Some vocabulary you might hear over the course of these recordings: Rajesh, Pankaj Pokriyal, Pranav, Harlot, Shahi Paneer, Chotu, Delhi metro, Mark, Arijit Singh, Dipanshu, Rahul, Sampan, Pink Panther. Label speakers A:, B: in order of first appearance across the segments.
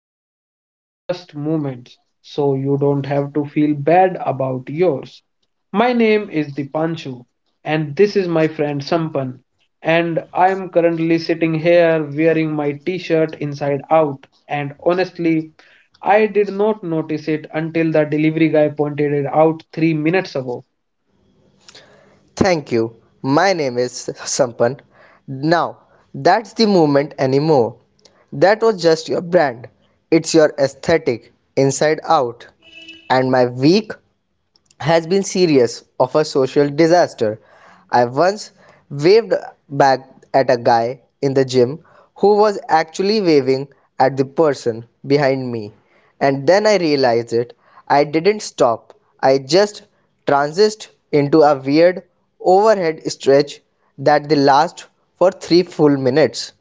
A: relive our worst moments so you don't have to feel bad about yours. My name is Dipanshu, and this is my friend Sampan, and I am currently sitting here wearing my t shirt inside out. And honestly, I did not notice it until the delivery guy pointed it out 3 minutes ago.
B: Thank you. My name is Sampan. Now, that's the movement anymore. That was just your brand. It's your aesthetic, inside out. And my weak has been serious of a social disaster. I once waved back at a guy in the gym who was actually waving at the person behind me, and then I realized it. I didn't stop, I just transitioned into a weird overhead stretch that they last for 3 full minutes.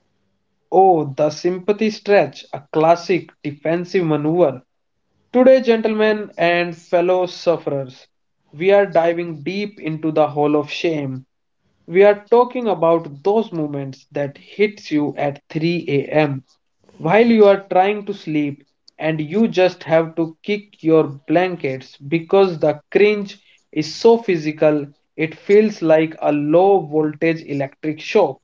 A: Oh, the sympathy stretch, a classic defensive maneuver. Today, gentlemen and fellow sufferers, we are diving deep into the hole of shame. We are talking about those moments that hits you at 3 a.m. while you are trying to sleep and you just have to kick your blankets because the cringe is so physical it feels like a low voltage electric shock.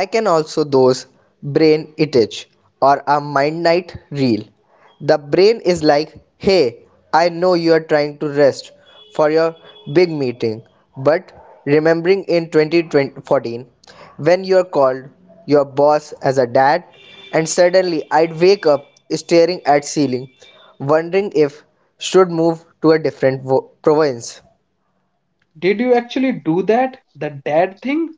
B: I can also those brain itch or a mind night reel. The brain is like, hey, I know you are trying to rest for your big meeting, but remembering in 2014 when you are called your boss as a dad, and suddenly I'd wake up staring at ceiling, wondering if should move to a different province.
A: Did you actually do that? The dad thing?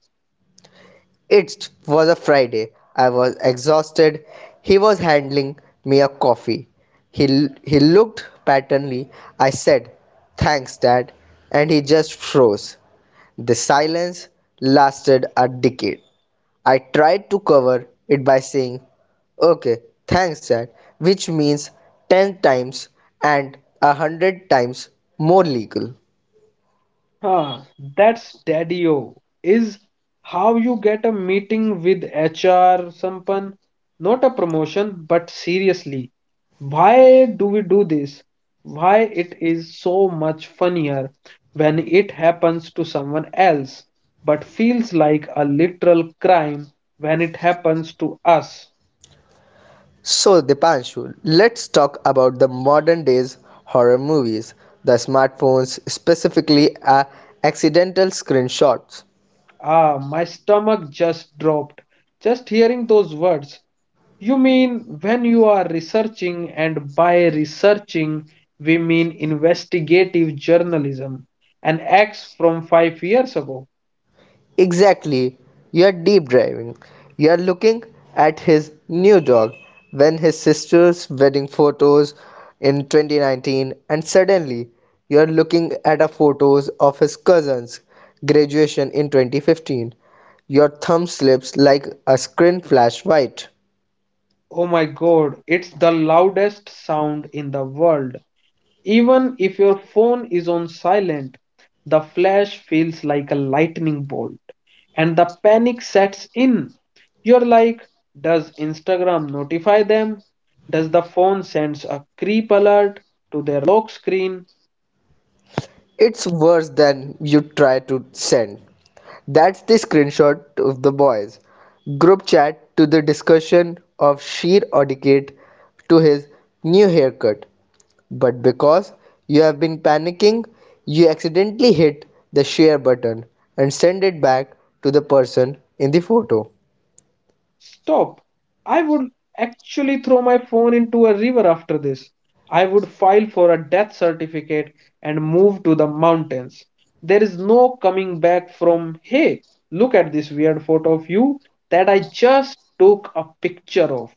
B: It was a Friday. I was exhausted. He was handing me a coffee. He looked paternally. I said, thanks, Dad. And he just froze. The silence lasted a decade. I tried to cover it by saying, okay, thanks, Dad, which means 10 times and a 100 times more legal.
A: Ah, that's daddy-o, is how you get a meeting with HR, Sampan. Not a promotion, but seriously, why do we do this? Why it is so much funnier when it happens to someone else, but feels like a literal crime when it happens to us.
B: So, Dipanshu, let's talk about the modern days horror movies, the smartphones, specifically accidental screenshots.
A: Ah, my stomach just dropped just hearing those words. You mean when you are researching, and by researching, we mean investigative journalism, an axe from 5 years ago.
B: Exactly, you are deep driving. You are looking at his new dog when his sister's wedding photos in 2019, and suddenly you are looking at a photos of his cousin's graduation in 2015. Your thumb slips like a screen flash white.
A: Oh my god, it's the loudest sound in the world. Even if your phone is on silent, the flash feels like a lightning bolt, and the panic sets in. You're like, does Instagram notify them? Does the phone sends a creep alert to their lock screen?
B: It's worse than you try to send. That's the screenshot of the boys group chat to the discussion of sheer etiquette to his new haircut. But because you have been panicking, you accidentally hit the share button and send it back to the person in the photo.
A: Stop. I would actually throw my phone into a river after this. I would file for a death certificate and move to the mountains. There is no coming back from, hey, look at this weird photo of you that I just took a picture of.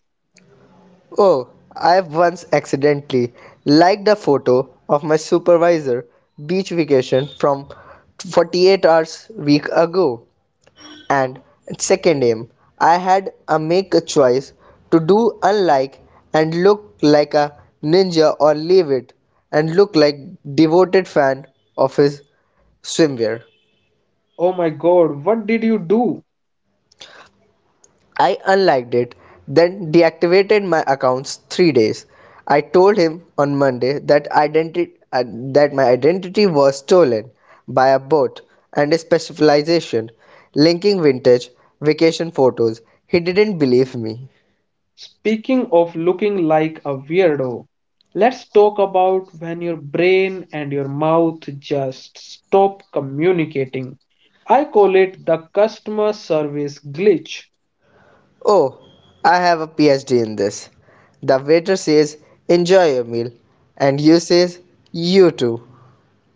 B: Oh, I once accidentally liked a photo of my supervisor beach vacation from 48 hours week ago, and second aim I had a make a choice to do unlike and look like a ninja, or leave it and look like devoted fan of his swimwear.
A: Oh my god, what did you do?
B: I unliked it, then deactivated my accounts 3 days. I told him on Monday uh, that my identity was stolen by a bot and a specialization linking vintage vacation photos. He didn't believe me.
A: Speaking of looking like a weirdo, let's talk about when your brain and your mouth just stop communicating. I call it the customer service glitch.
B: Oh, I have a PhD in this. The waiter says, enjoy your meal. And you says, you too.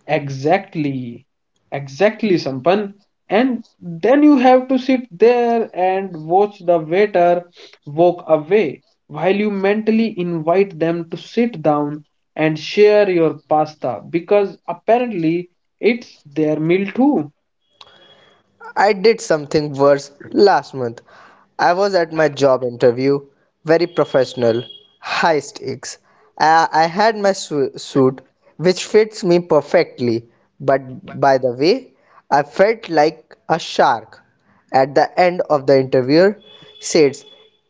A: Exactly, exactly, Sampan. And then you have to sit there and watch the waiter walk away while you mentally invite them to sit down and share your pasta because apparently it's their meal too.
B: I did something worse last month. I was at my job interview, very professional, high stakes. I had my suit, which fits me perfectly, but by the way, I felt like a shark. At the end of the interview, says,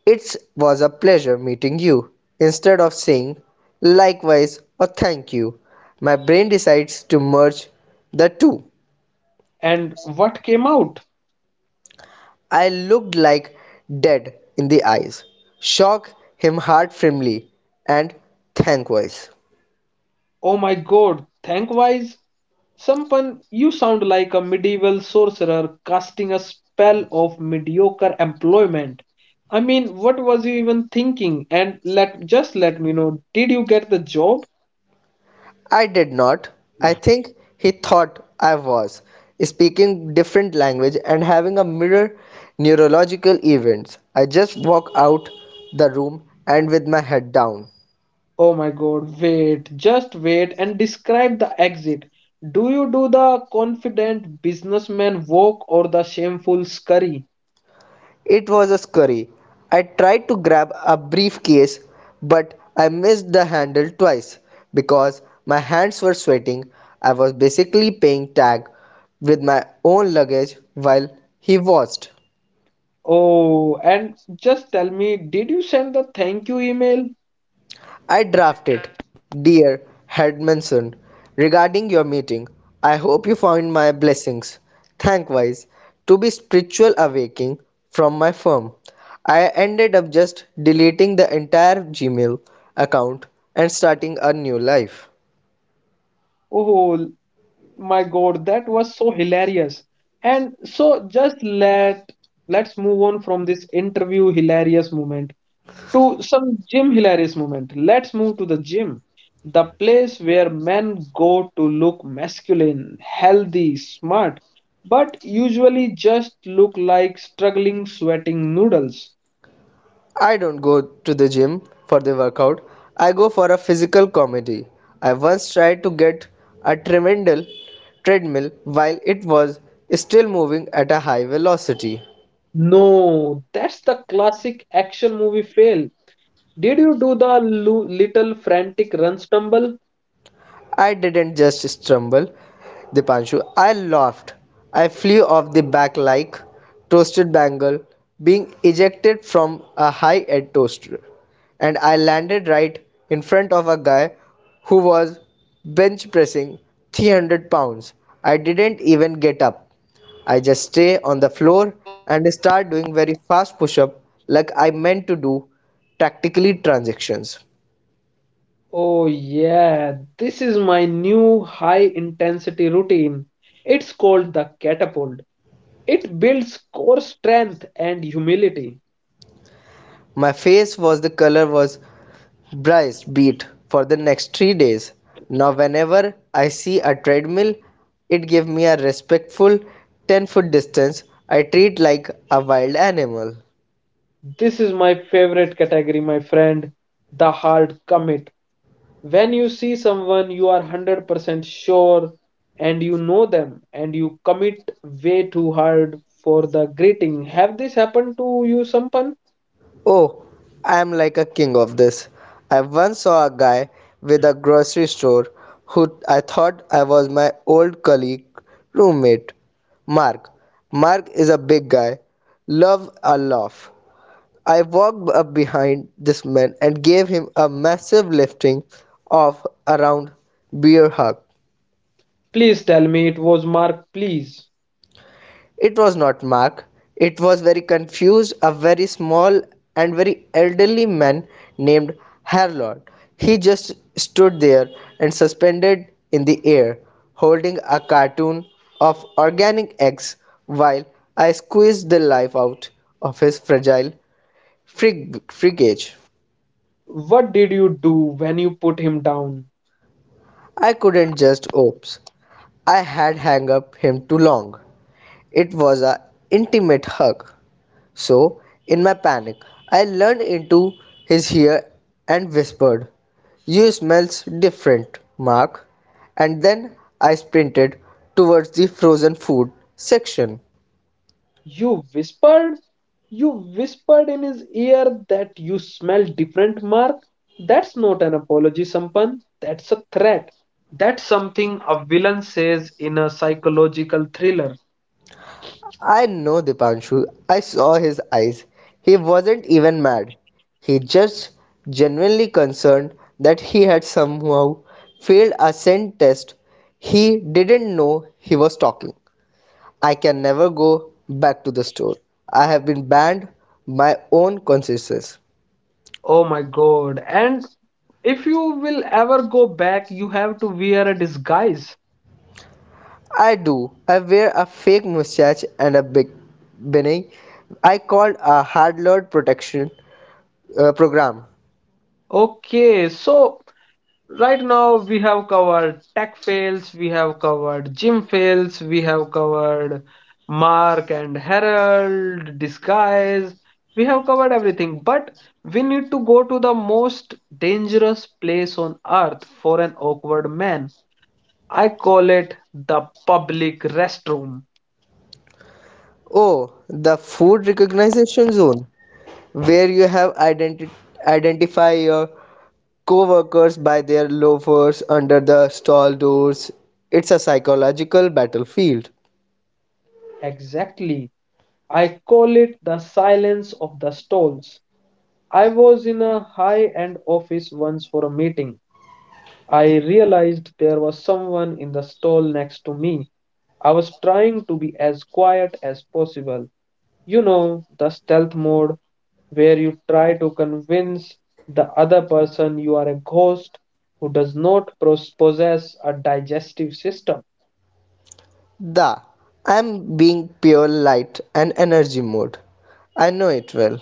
B: it was a pleasure meeting you. Instead of saying likewise or thank you, my brain decides to merge the two.
A: And what came out?
B: I looked like dead in the eyes, shook him hard firmly, and thankwise.
A: Oh my God, thank wise Sampan, you sound like a medieval sorcerer casting a spell of mediocre employment. I mean, what was you even thinking? And let just let me know, did you get the job?
B: I did not. I think he thought I was speaking different language and having a mirror neurological events. I just walked out the room and with my head down.
A: Oh my god, wait, just wait and describe the exit. Do you do the confident businessman walk or the shameful scurry?
B: It was a scurry. I tried to grab a briefcase, but I missed the handle twice because my hands were sweating. I was basically playing tag with my own luggage while he watched.
A: Oh, and just tell me, did you send the thank you email?
B: I drafted, dear Headmanson, regarding your meeting, I hope you found my blessings, thankwise, to be spiritual awakening from my firm. I ended up just deleting the entire Gmail account and starting a new life.
A: Oh, my god, that was so hilarious, and so just let's move on from this interview hilarious moment to some gym hilarious moment. Let's move to the gym, the place where men go to look masculine, healthy, smart, but usually just look like struggling sweating noodles.
B: I don't go to the gym for the workout, I go for a physical comedy. I once tried to get a tremendal treadmill while it was still moving at a high velocity.
A: No, that's the classic action movie fail. Did you do the little frantic run stumble?
B: I didn't just stumble, Dipanshu. I laughed. I flew off the back like toasted bangle being ejected from a high-end toaster. And I landed right in front of a guy who was bench pressing 300 pounds. I didn't even get up. I just stay on the floor and start doing very fast push-up like I meant to do tactically transactions.
A: Oh, yeah, this is my new high intensity routine. It's called the catapult. It builds core strength and humility.
B: My face was the color was Bryce beat for the next 3 days. Now whenever I see a treadmill, it gives me a respectful 10-foot distance. I treat like a wild animal.
A: This is my favorite category, my friend, the hard commit. When you see someone, you are 100% sure and you know them and you commit way too hard for the greeting. Have this happened to you, Sampan?
B: Oh, I am like a king of this. I once saw a guy with a grocery store who I thought I was my old colleague roommate. Mark. Mark is a big guy. Love a laugh. I walked up behind this man and gave him a massive lifting of around beer hug.
A: Please tell me it was Mark, please.
B: It was not Mark. It was very confused, a very small and very elderly man named Harlot. He just stood there and suspended in the air, holding a cartoon of organic eggs while I squeezed the life out of his fragile frigate.
A: What did you do when you put him down?
B: I couldn't just oops. I had hung up him too long. It was a intimate hug. So, in my panic, I leaned into his ear and whispered, you smells different, Mark. And then I sprinted towards the frozen food section.
A: You whispered? You whispered in his ear that you smell different, Mark. That's not an apology, Sampan. That's a threat. That's something a villain says in a psychological thriller.
B: I know, Dipanshu. I saw his eyes. He wasn't even mad. He just genuinely concerned that he had somehow failed a scent test. He didn't know he was talking. I can never go back to the store. I have been banned my own consciences.
A: Oh my god. And if you will ever go back, you have to wear a disguise.
B: I do. I wear a fake mustache and a big beanie. I called a hard load protection program.
A: Okay, so right now we have covered tech fails, we have covered gym fails, we have covered mark and herald disguise, we have covered everything, but we need to go to the most dangerous place on earth for an awkward man. I call it the public restroom.
B: Oh, the food recognition zone, where you have identify your co-workers by their loafers under the stall doors. It's a psychological battlefield.
A: Exactly, I call it the silence of the stalls. I was in a high end office once for a meeting. I realized there was someone in the stall next to me. I was trying to be as quiet as possible. You know, the stealth mode where you try to convince the other person you are a ghost who does not possess a digestive system.
B: The, I'm being pure light and energy mode, I know it well.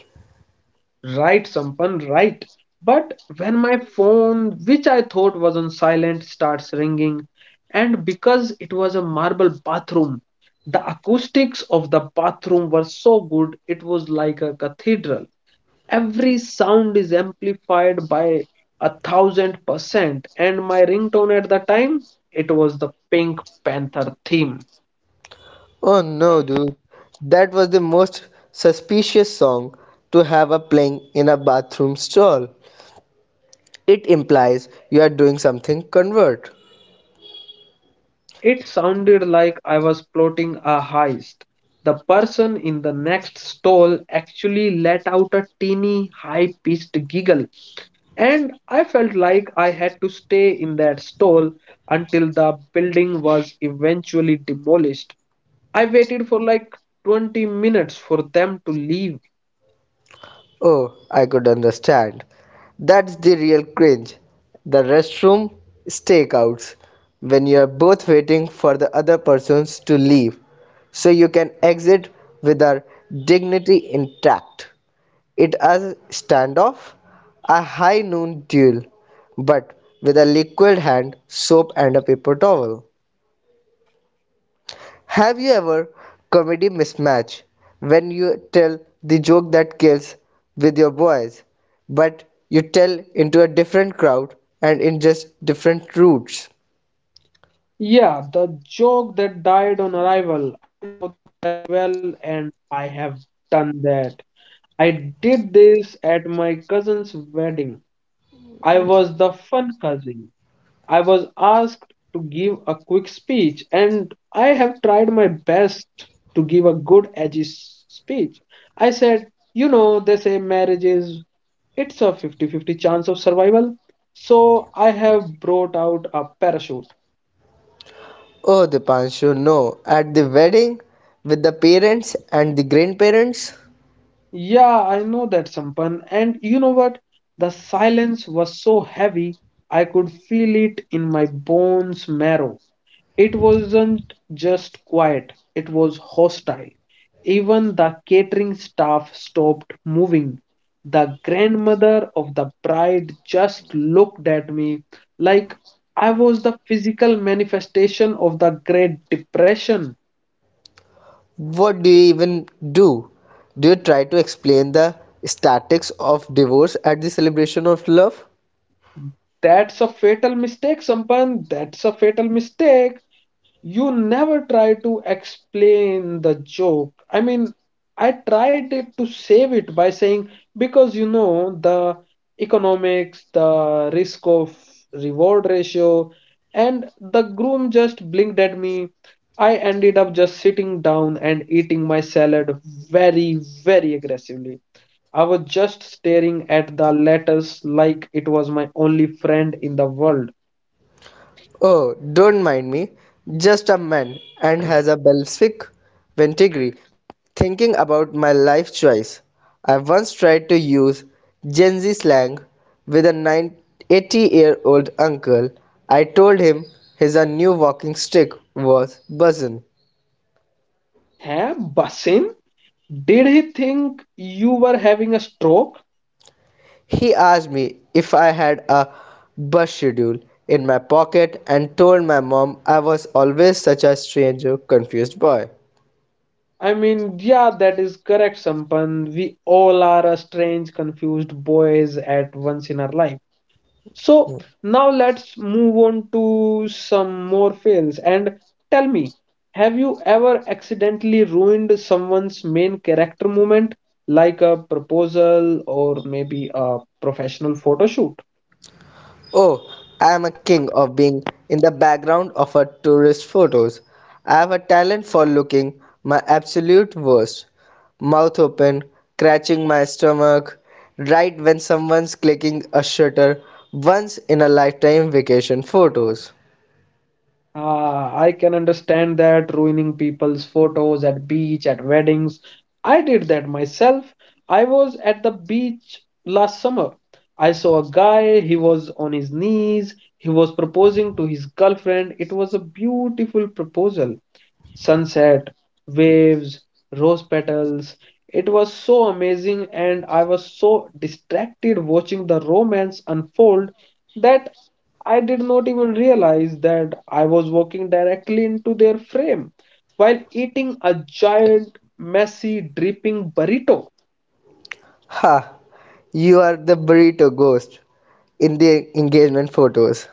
A: Right, Sampan, right. But when my phone, which I thought was on silent, starts ringing, and because it was a marble bathroom, the acoustics of the bathroom were so good, it was like a cathedral. Every sound is amplified by 1,000%, and my ringtone at the time, it was the Pink Panther theme.
B: Oh no, dude, that was the most suspicious song to have a playing in a bathroom stall. It implies you are doing something convert.
A: It sounded like I was plotting a heist. The person in the next stall actually let out a teeny, high pitched giggle, and I felt like I had to stay in that stall until the building was eventually demolished. I waited for like 20 minutes for them to leave.
B: Oh, I could understand. That's the real cringe. The restroom stakeouts. When you are both waiting for the other persons to leave so you can exit with our dignity intact. It is standoff, a high noon duel, but with a liquid hand, soap and a paper towel. Have you ever comedy mismatch when you tell the joke that kills with your boys, but you tell into a different crowd and in just different routes?
A: Yeah, the joke that died on arrival. Well, and I have done that. I did this at my cousin's wedding. I was the fun cousin. I was asked to give a quick speech, and I have tried my best to give a good, edgy speech. I said, you know, they say marriage is it's a fifty-fifty chance of survival. So I have brought out a parachute.
B: Oh, Dipanshu, no. At the wedding with the parents and the grandparents,
A: Yeah, I know that, Sampan. And you know what? The silence was so heavy, I could feel it in my bones marrow. It wasn't just quiet, it was hostile. Even the catering staff stopped moving. The grandmother of the bride just looked at me like I was the physical manifestation of the Great Depression.
B: what do you even do? Do you try to explain the statics of divorce at the celebration of love?
A: That's a fatal mistake, Sampan. That's a fatal mistake. You never try to explain the joke. I mean, I tried it to save it by saying, because you know, the economics, the risk of reward ratio, and the groom just blinked at me. I ended up just sitting down and eating my salad very, very aggressively. I was just staring at the letters like it was my only friend in the world.
B: Oh, don't mind me. Just a man and has a Belgic vinegary. Thinking about my life choice, I once tried to use Gen Z slang with a 80-year-old uncle. I told him his a new walking stick was buzzin'.
A: Hai Basin? Did he think you were having a stroke?
B: He asked me if I had a bus schedule in my pocket and told my mom I was always such a stranger, confused boy.
A: I mean, yeah, that is correct, Sampan. We all are a strange, confused boys at once in our life. So now let's move on to some more fails and tell me, have you ever accidentally ruined someone's main character moment, like a proposal or maybe a professional photo shoot?
B: Oh, I am a king of being in the background of a tourist photos. I have a talent for looking my absolute worst. Mouth open, scratching my stomach, right when someone's clicking a shutter. Once in a lifetime vacation photos.
A: Ah, I can understand that ruining people's photos at beach, at weddings. I did that myself. I was at the beach last summer. I saw a guy, he was on his knees, he was proposing to his girlfriend. It was a beautiful proposal, sunset, waves, rose petals. It was so amazing, and I was so distracted watching the romance unfold that I did not even realize that I was walking directly into their frame while eating a giant, messy, dripping burrito.
B: Ha! You are the burrito ghost in the engagement photos.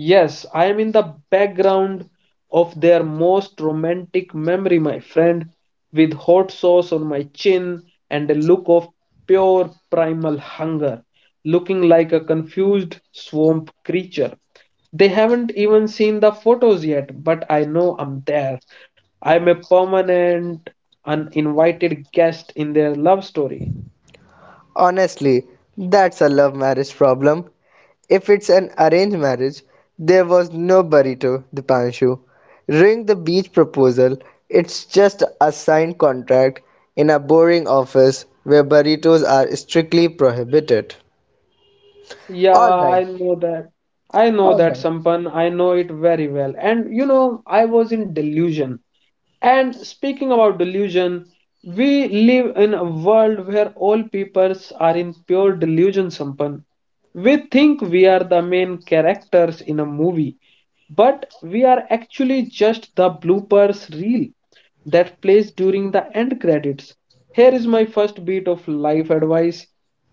A: Yes, I am in the background of their most romantic memory, my friend, with hot sauce on my chin and a look of pure primal hunger, looking like a confused swamp creature. They haven't even seen the photos yet, but I know I'm there. I'm a permanent, uninvited guest in their love story.
B: Honestly, that's a love marriage problem. If it's an arranged marriage, there was no burrito, the Dipanshu. During the beach proposal, it's just a signed contract in a boring office where burritos are strictly prohibited.
A: Yeah,
B: Alright,
A: I know that. I know that,
B: alright.
A: Sampan. I know it very well. And you know, I was in delusion. And speaking about delusion, we live in a world where all peoples are in pure delusion, Sampan. We think we are the main characters in a movie but we are actually just the bloopers reel that plays during the end credits. Here is my first bit of life advice.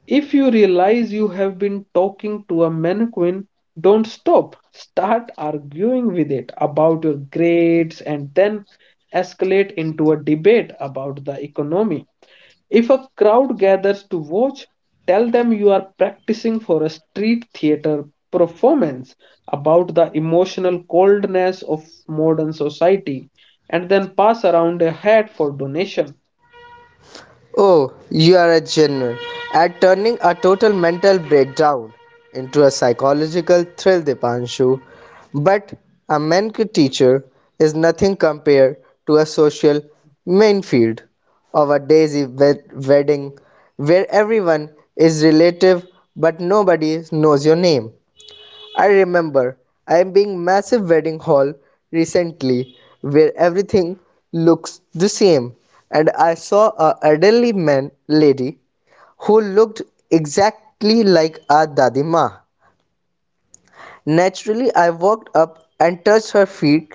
A: If you realize you have been talking to a mannequin, don't stop. Start arguing with it about your grades and then escalate into a debate about the economy. If a crowd gathers to watch, tell them you are practicing for a street theater performance about the emotional coldness of modern society and then pass around a hat for donation.
B: Oh, you are a genuine at turning a total mental breakdown into a psychological thrill, Dipanshu. But a Menke teacher is nothing compared to a social minefield of a daisy wedding where everyone is relative but nobody knows your name. I remember I am being massive wedding hall recently where everything looks the same, and I saw a elderly man lady who looked exactly like a dadima. Naturally I walked up and touched her feet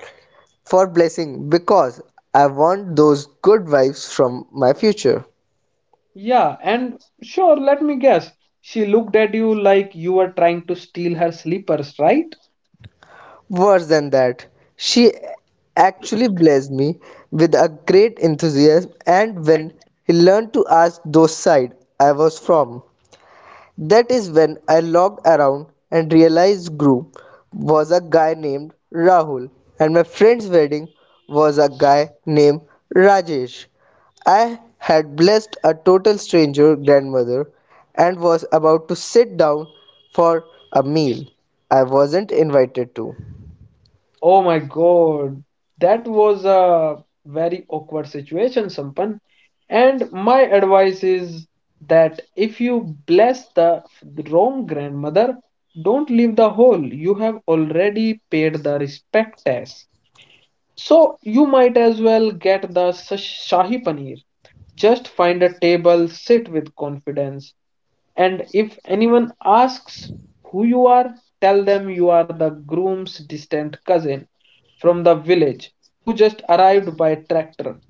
B: for blessing because I want those good vibes from my future.
A: Yeah, and sure, let me guess. She looked at you like you were trying to steal her slippers, right?
B: Worse than that, she actually blessed me with a great enthusiasm, and when he learned to ask those side I was from, that is when I looked around and realized group was a guy named Rahul, and my friend's wedding was a guy named Rajesh. I had blessed a total stranger grandmother and was about to sit down for a meal I wasn't invited to.
A: Oh my God, that was a very awkward situation, Sampan. And my advice is that if you bless the wrong grandmother, don't leave the hole. You have already paid the respect tax. So you might as well get the Shahi Paneer. Just find a table, sit with confidence, and if anyone asks who you are, tell them you are the groom's distant cousin from the village who just arrived by tractor.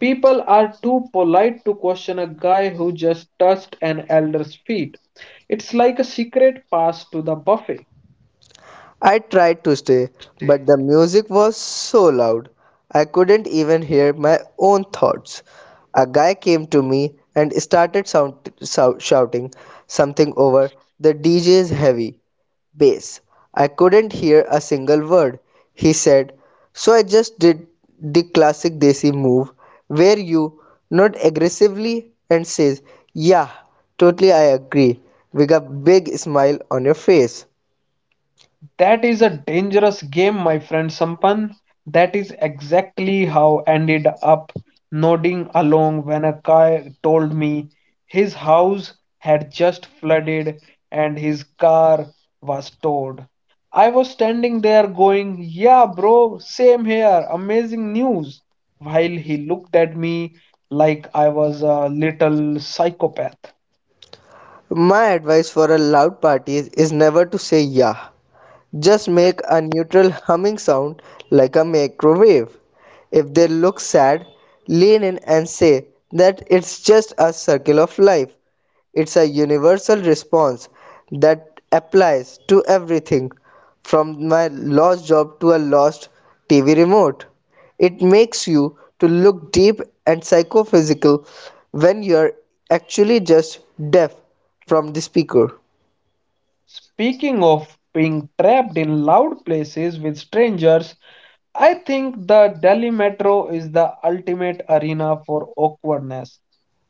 A: People are too polite to question a guy who just touched an elder's feet. It's like a secret pass to the buffet.
B: I tried to stay, but the music was so loud I couldn't even hear my own thoughts. A guy came to me and started shouting something over the DJ's heavy bass. I couldn't hear a single word he said, so I just did the classic Desi move where you nod aggressively and says, yeah, totally I agree, with a big smile on your face.
A: That is a dangerous game, my friend Sampan. That is exactly how I ended up nodding along when a guy told me his house had just flooded and his car was towed. I was standing there going, "Yeah, bro, same here, amazing news," while he looked at me like I was a little psychopath.
B: My advice for a loud party is never to say yeah. Just make a neutral humming sound like a microwave. If they look sad, lean in and say that it's just a circle of life. It's a universal response that applies to everything from my lost job to a lost TV remote. It makes you to look deep and psychophysical when you're actually just deaf from the speaker.
A: Speaking of being trapped in loud places with strangers, I think the Delhi metro is the ultimate arena for awkwardness.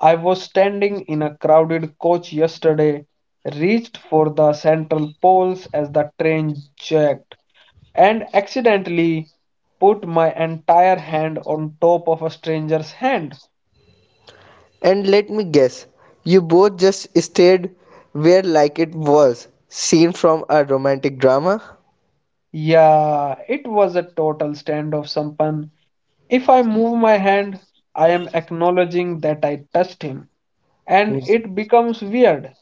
A: I was standing in a crowded coach yesterday, reached for the central poles as the train jerked, and accidentally put my entire hand on top of a stranger's hand.
B: And let me guess, you both just stayed where like it was seen from a romantic drama?
A: Yeah, it was a total stand of sampan. If I move my hand, I am acknowledging that I touched him, and it becomes weird.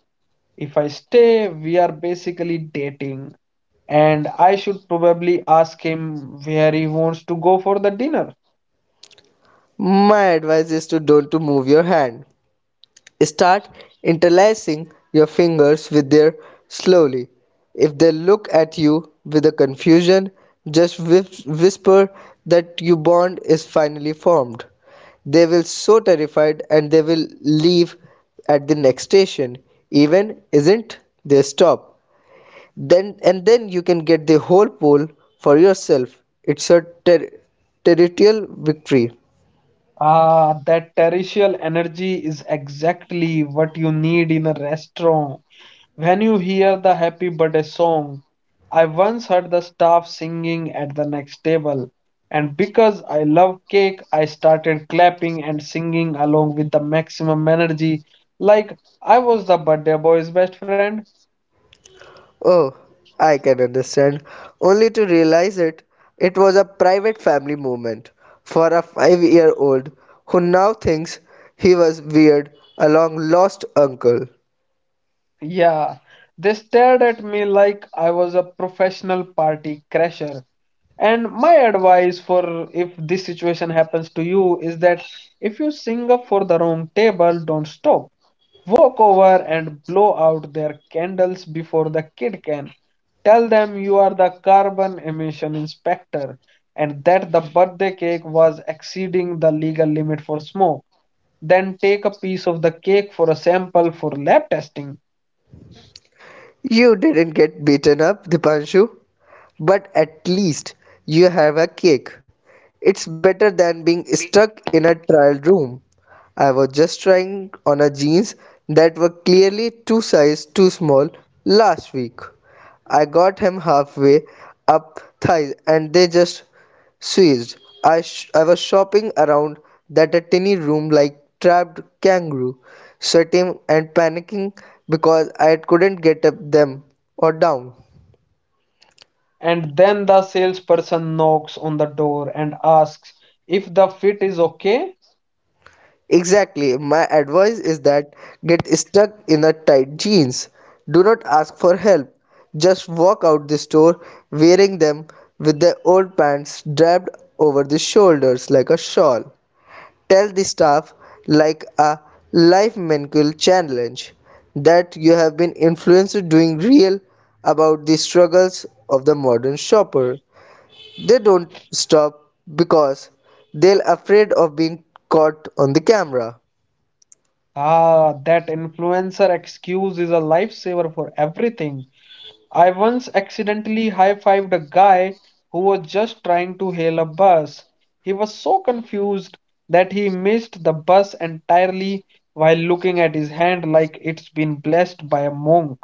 A: If I stay, we are basically dating, and I should probably ask him where he wants to go for the dinner.
B: My advice is to don't to move your hand. Start interlacing your fingers with their slowly. If they look at you with a confusion, just whisper that your bond is finally formed. They will so terrified and they will leave at the next station. Even isn't they stop. Then and then you can get the whole pole for yourself. It's a territorial victory.
A: Ah, that terrestrial energy is exactly what you need in a restaurant. When you hear the happy birthday song, I once heard the staff singing at the next table, and because I love cake, I started clapping and singing along with the maximum energy, like I was the birthday boy's best friend.
B: Oh, I can understand. Only to realize it, it was a private family moment for a 5-year-old who now thinks he was weird, a long lost uncle.
A: Yeah, they stared at me like I was a professional party crasher. And my advice for if this situation happens to you is that if you sing up for the wrong table, don't stop. Walk over and blow out their candles before the kid can. Tell them you are the carbon emission inspector and that the birthday cake was exceeding the legal limit for smoke. Then take a piece of the cake for a sample for lab testing.
B: You didn't get beaten up, Dipanshu. But at least you have a cake. It's better than being stuck in a trial room. I was just trying on a jeans that were clearly 2 sizes too small last week. I got him halfway up thighs and they just seized. I was shopping around that a tiny room like trapped kangaroo, sweating and panicking because I couldn't get up them or down.
A: And then the salesperson knocks on the door and asks if the fit is okay.
B: Exactly. My advice is that get stuck in a tight jeans. Do not ask for help. Just walk out the store wearing them with the old pants draped over the shoulders like a shawl. Tell the staff like a life mental challenge that you have been influenced doing real about the struggles of the modern shopper. They don't stop because they're afraid of being caught on the camera.
A: Ah, that influencer excuse is a lifesaver for everything. I once accidentally high fived a guy who was just trying to hail a bus. He was so confused that he missed the bus entirely while looking at his hand like it's been blessed by a monk.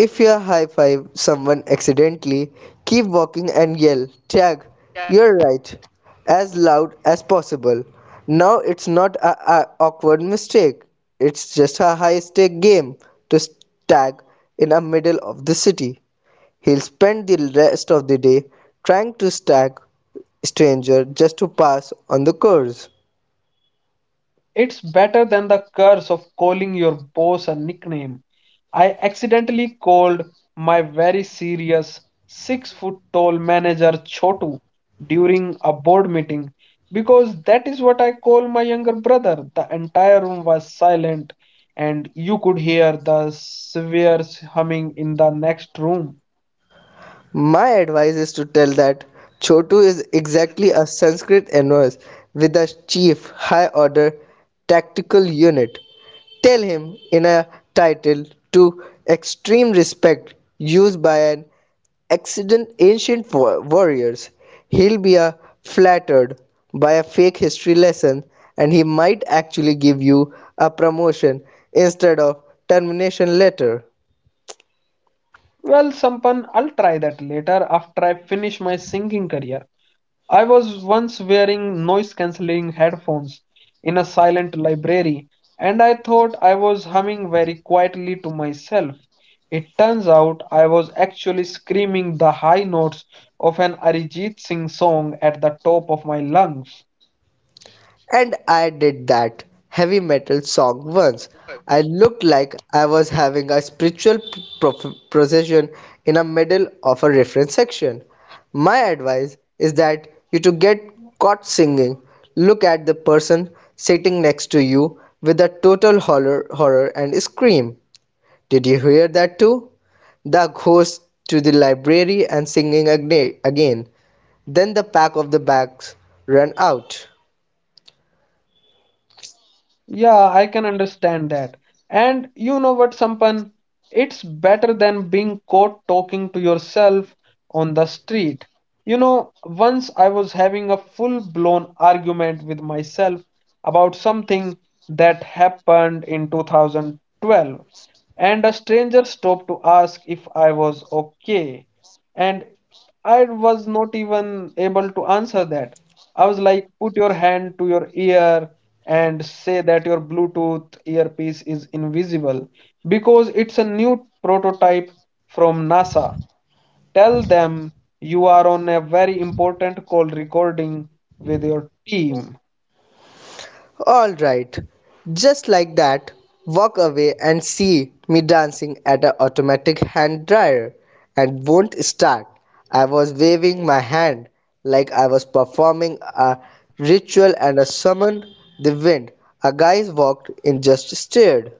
B: If you high five someone accidentally, keep walking and yell, tag, you're right, as loud as possible. Now it's not a awkward mistake, it's just a high stake game to tag in the middle of the city. He'll spend the rest of the day trying to tag stranger just to pass on the course.
A: It's better than the curse of calling your boss a nickname. I accidentally called my very serious 6 foot tall manager Chotu during a board meeting because that is what I call my younger brother. The entire room was silent and you could hear the spheres humming in the next room.
B: My advice is to tell that Chotu is exactly a Sanskrit inverse with a chief high order tactical unit. Tell him in a title to extreme respect used by an accident ancient warriors. He'll be flattered by a fake history lesson, and he might actually give you a promotion instead of termination letter.
A: Well, Sampan, I'll try that later after I finish my singing career. I was once wearing noise cancelling headphones in a silent library, and I thought I was humming very quietly to myself. It turns out I was actually screaming the high notes of an Arijit Singh song at the top of my lungs.
B: And I did that heavy metal song once. I looked like I was having a spiritual procession in the middle of a reference section. My advice is that you to get caught singing, look at the person sitting next to you with a total horror and scream. Did you hear that too? The ghost to the library and singing again. Then the pack of the bags run out.
A: Yeah, I can understand that. And you know what, Sampan? It's better than being caught talking to yourself on the street. You know, once I was having a full-blown argument with myself about something that happened in 2012, and a stranger stopped to ask if I was okay. And I was not even able to answer that. I was like, put your hand to your ear and say that your Bluetooth earpiece is invisible because it's a new prototype from NASA. Tell them you are on a very important call recording with your team.
B: All right. Just like that, walk away and see me dancing at an automatic hand dryer and won't start. I was waving my hand like I was performing a ritual and I summoned the wind. A guy walked in just stared.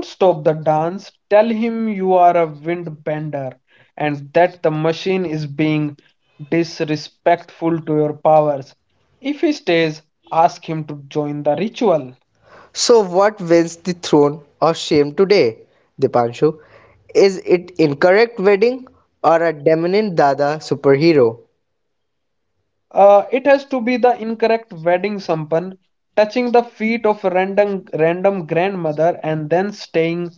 A: Don't stop the dance. Tell him you are a wind bender and that the machine is being disrespectful to your powers. If he stays, ask him to join the ritual.
B: So what wins the throne of shame today, Dipanshu? Is it incorrect wedding or a dominant dada superhero?
A: It has to be the incorrect wedding sampan. Touching the feet of a random grandmother and then staying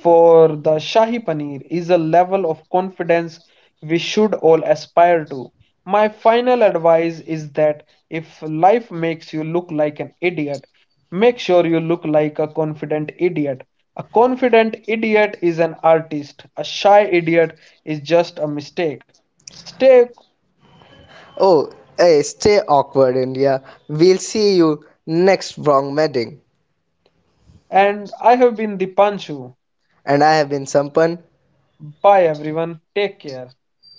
A: for the shahi paneer is a level of confidence we should all aspire to. My final advice is that if life makes you look like an idiot, make sure you look like a confident idiot. A confident idiot is an artist. A shy idiot is just a mistake. Stay.
B: Oh, hey, stay awkward, India. We'll see you next wrong meeting.
A: And I have been the Panchu.
B: And I have been Sampan.
A: Bye everyone. Take care.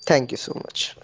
B: Thank you so much.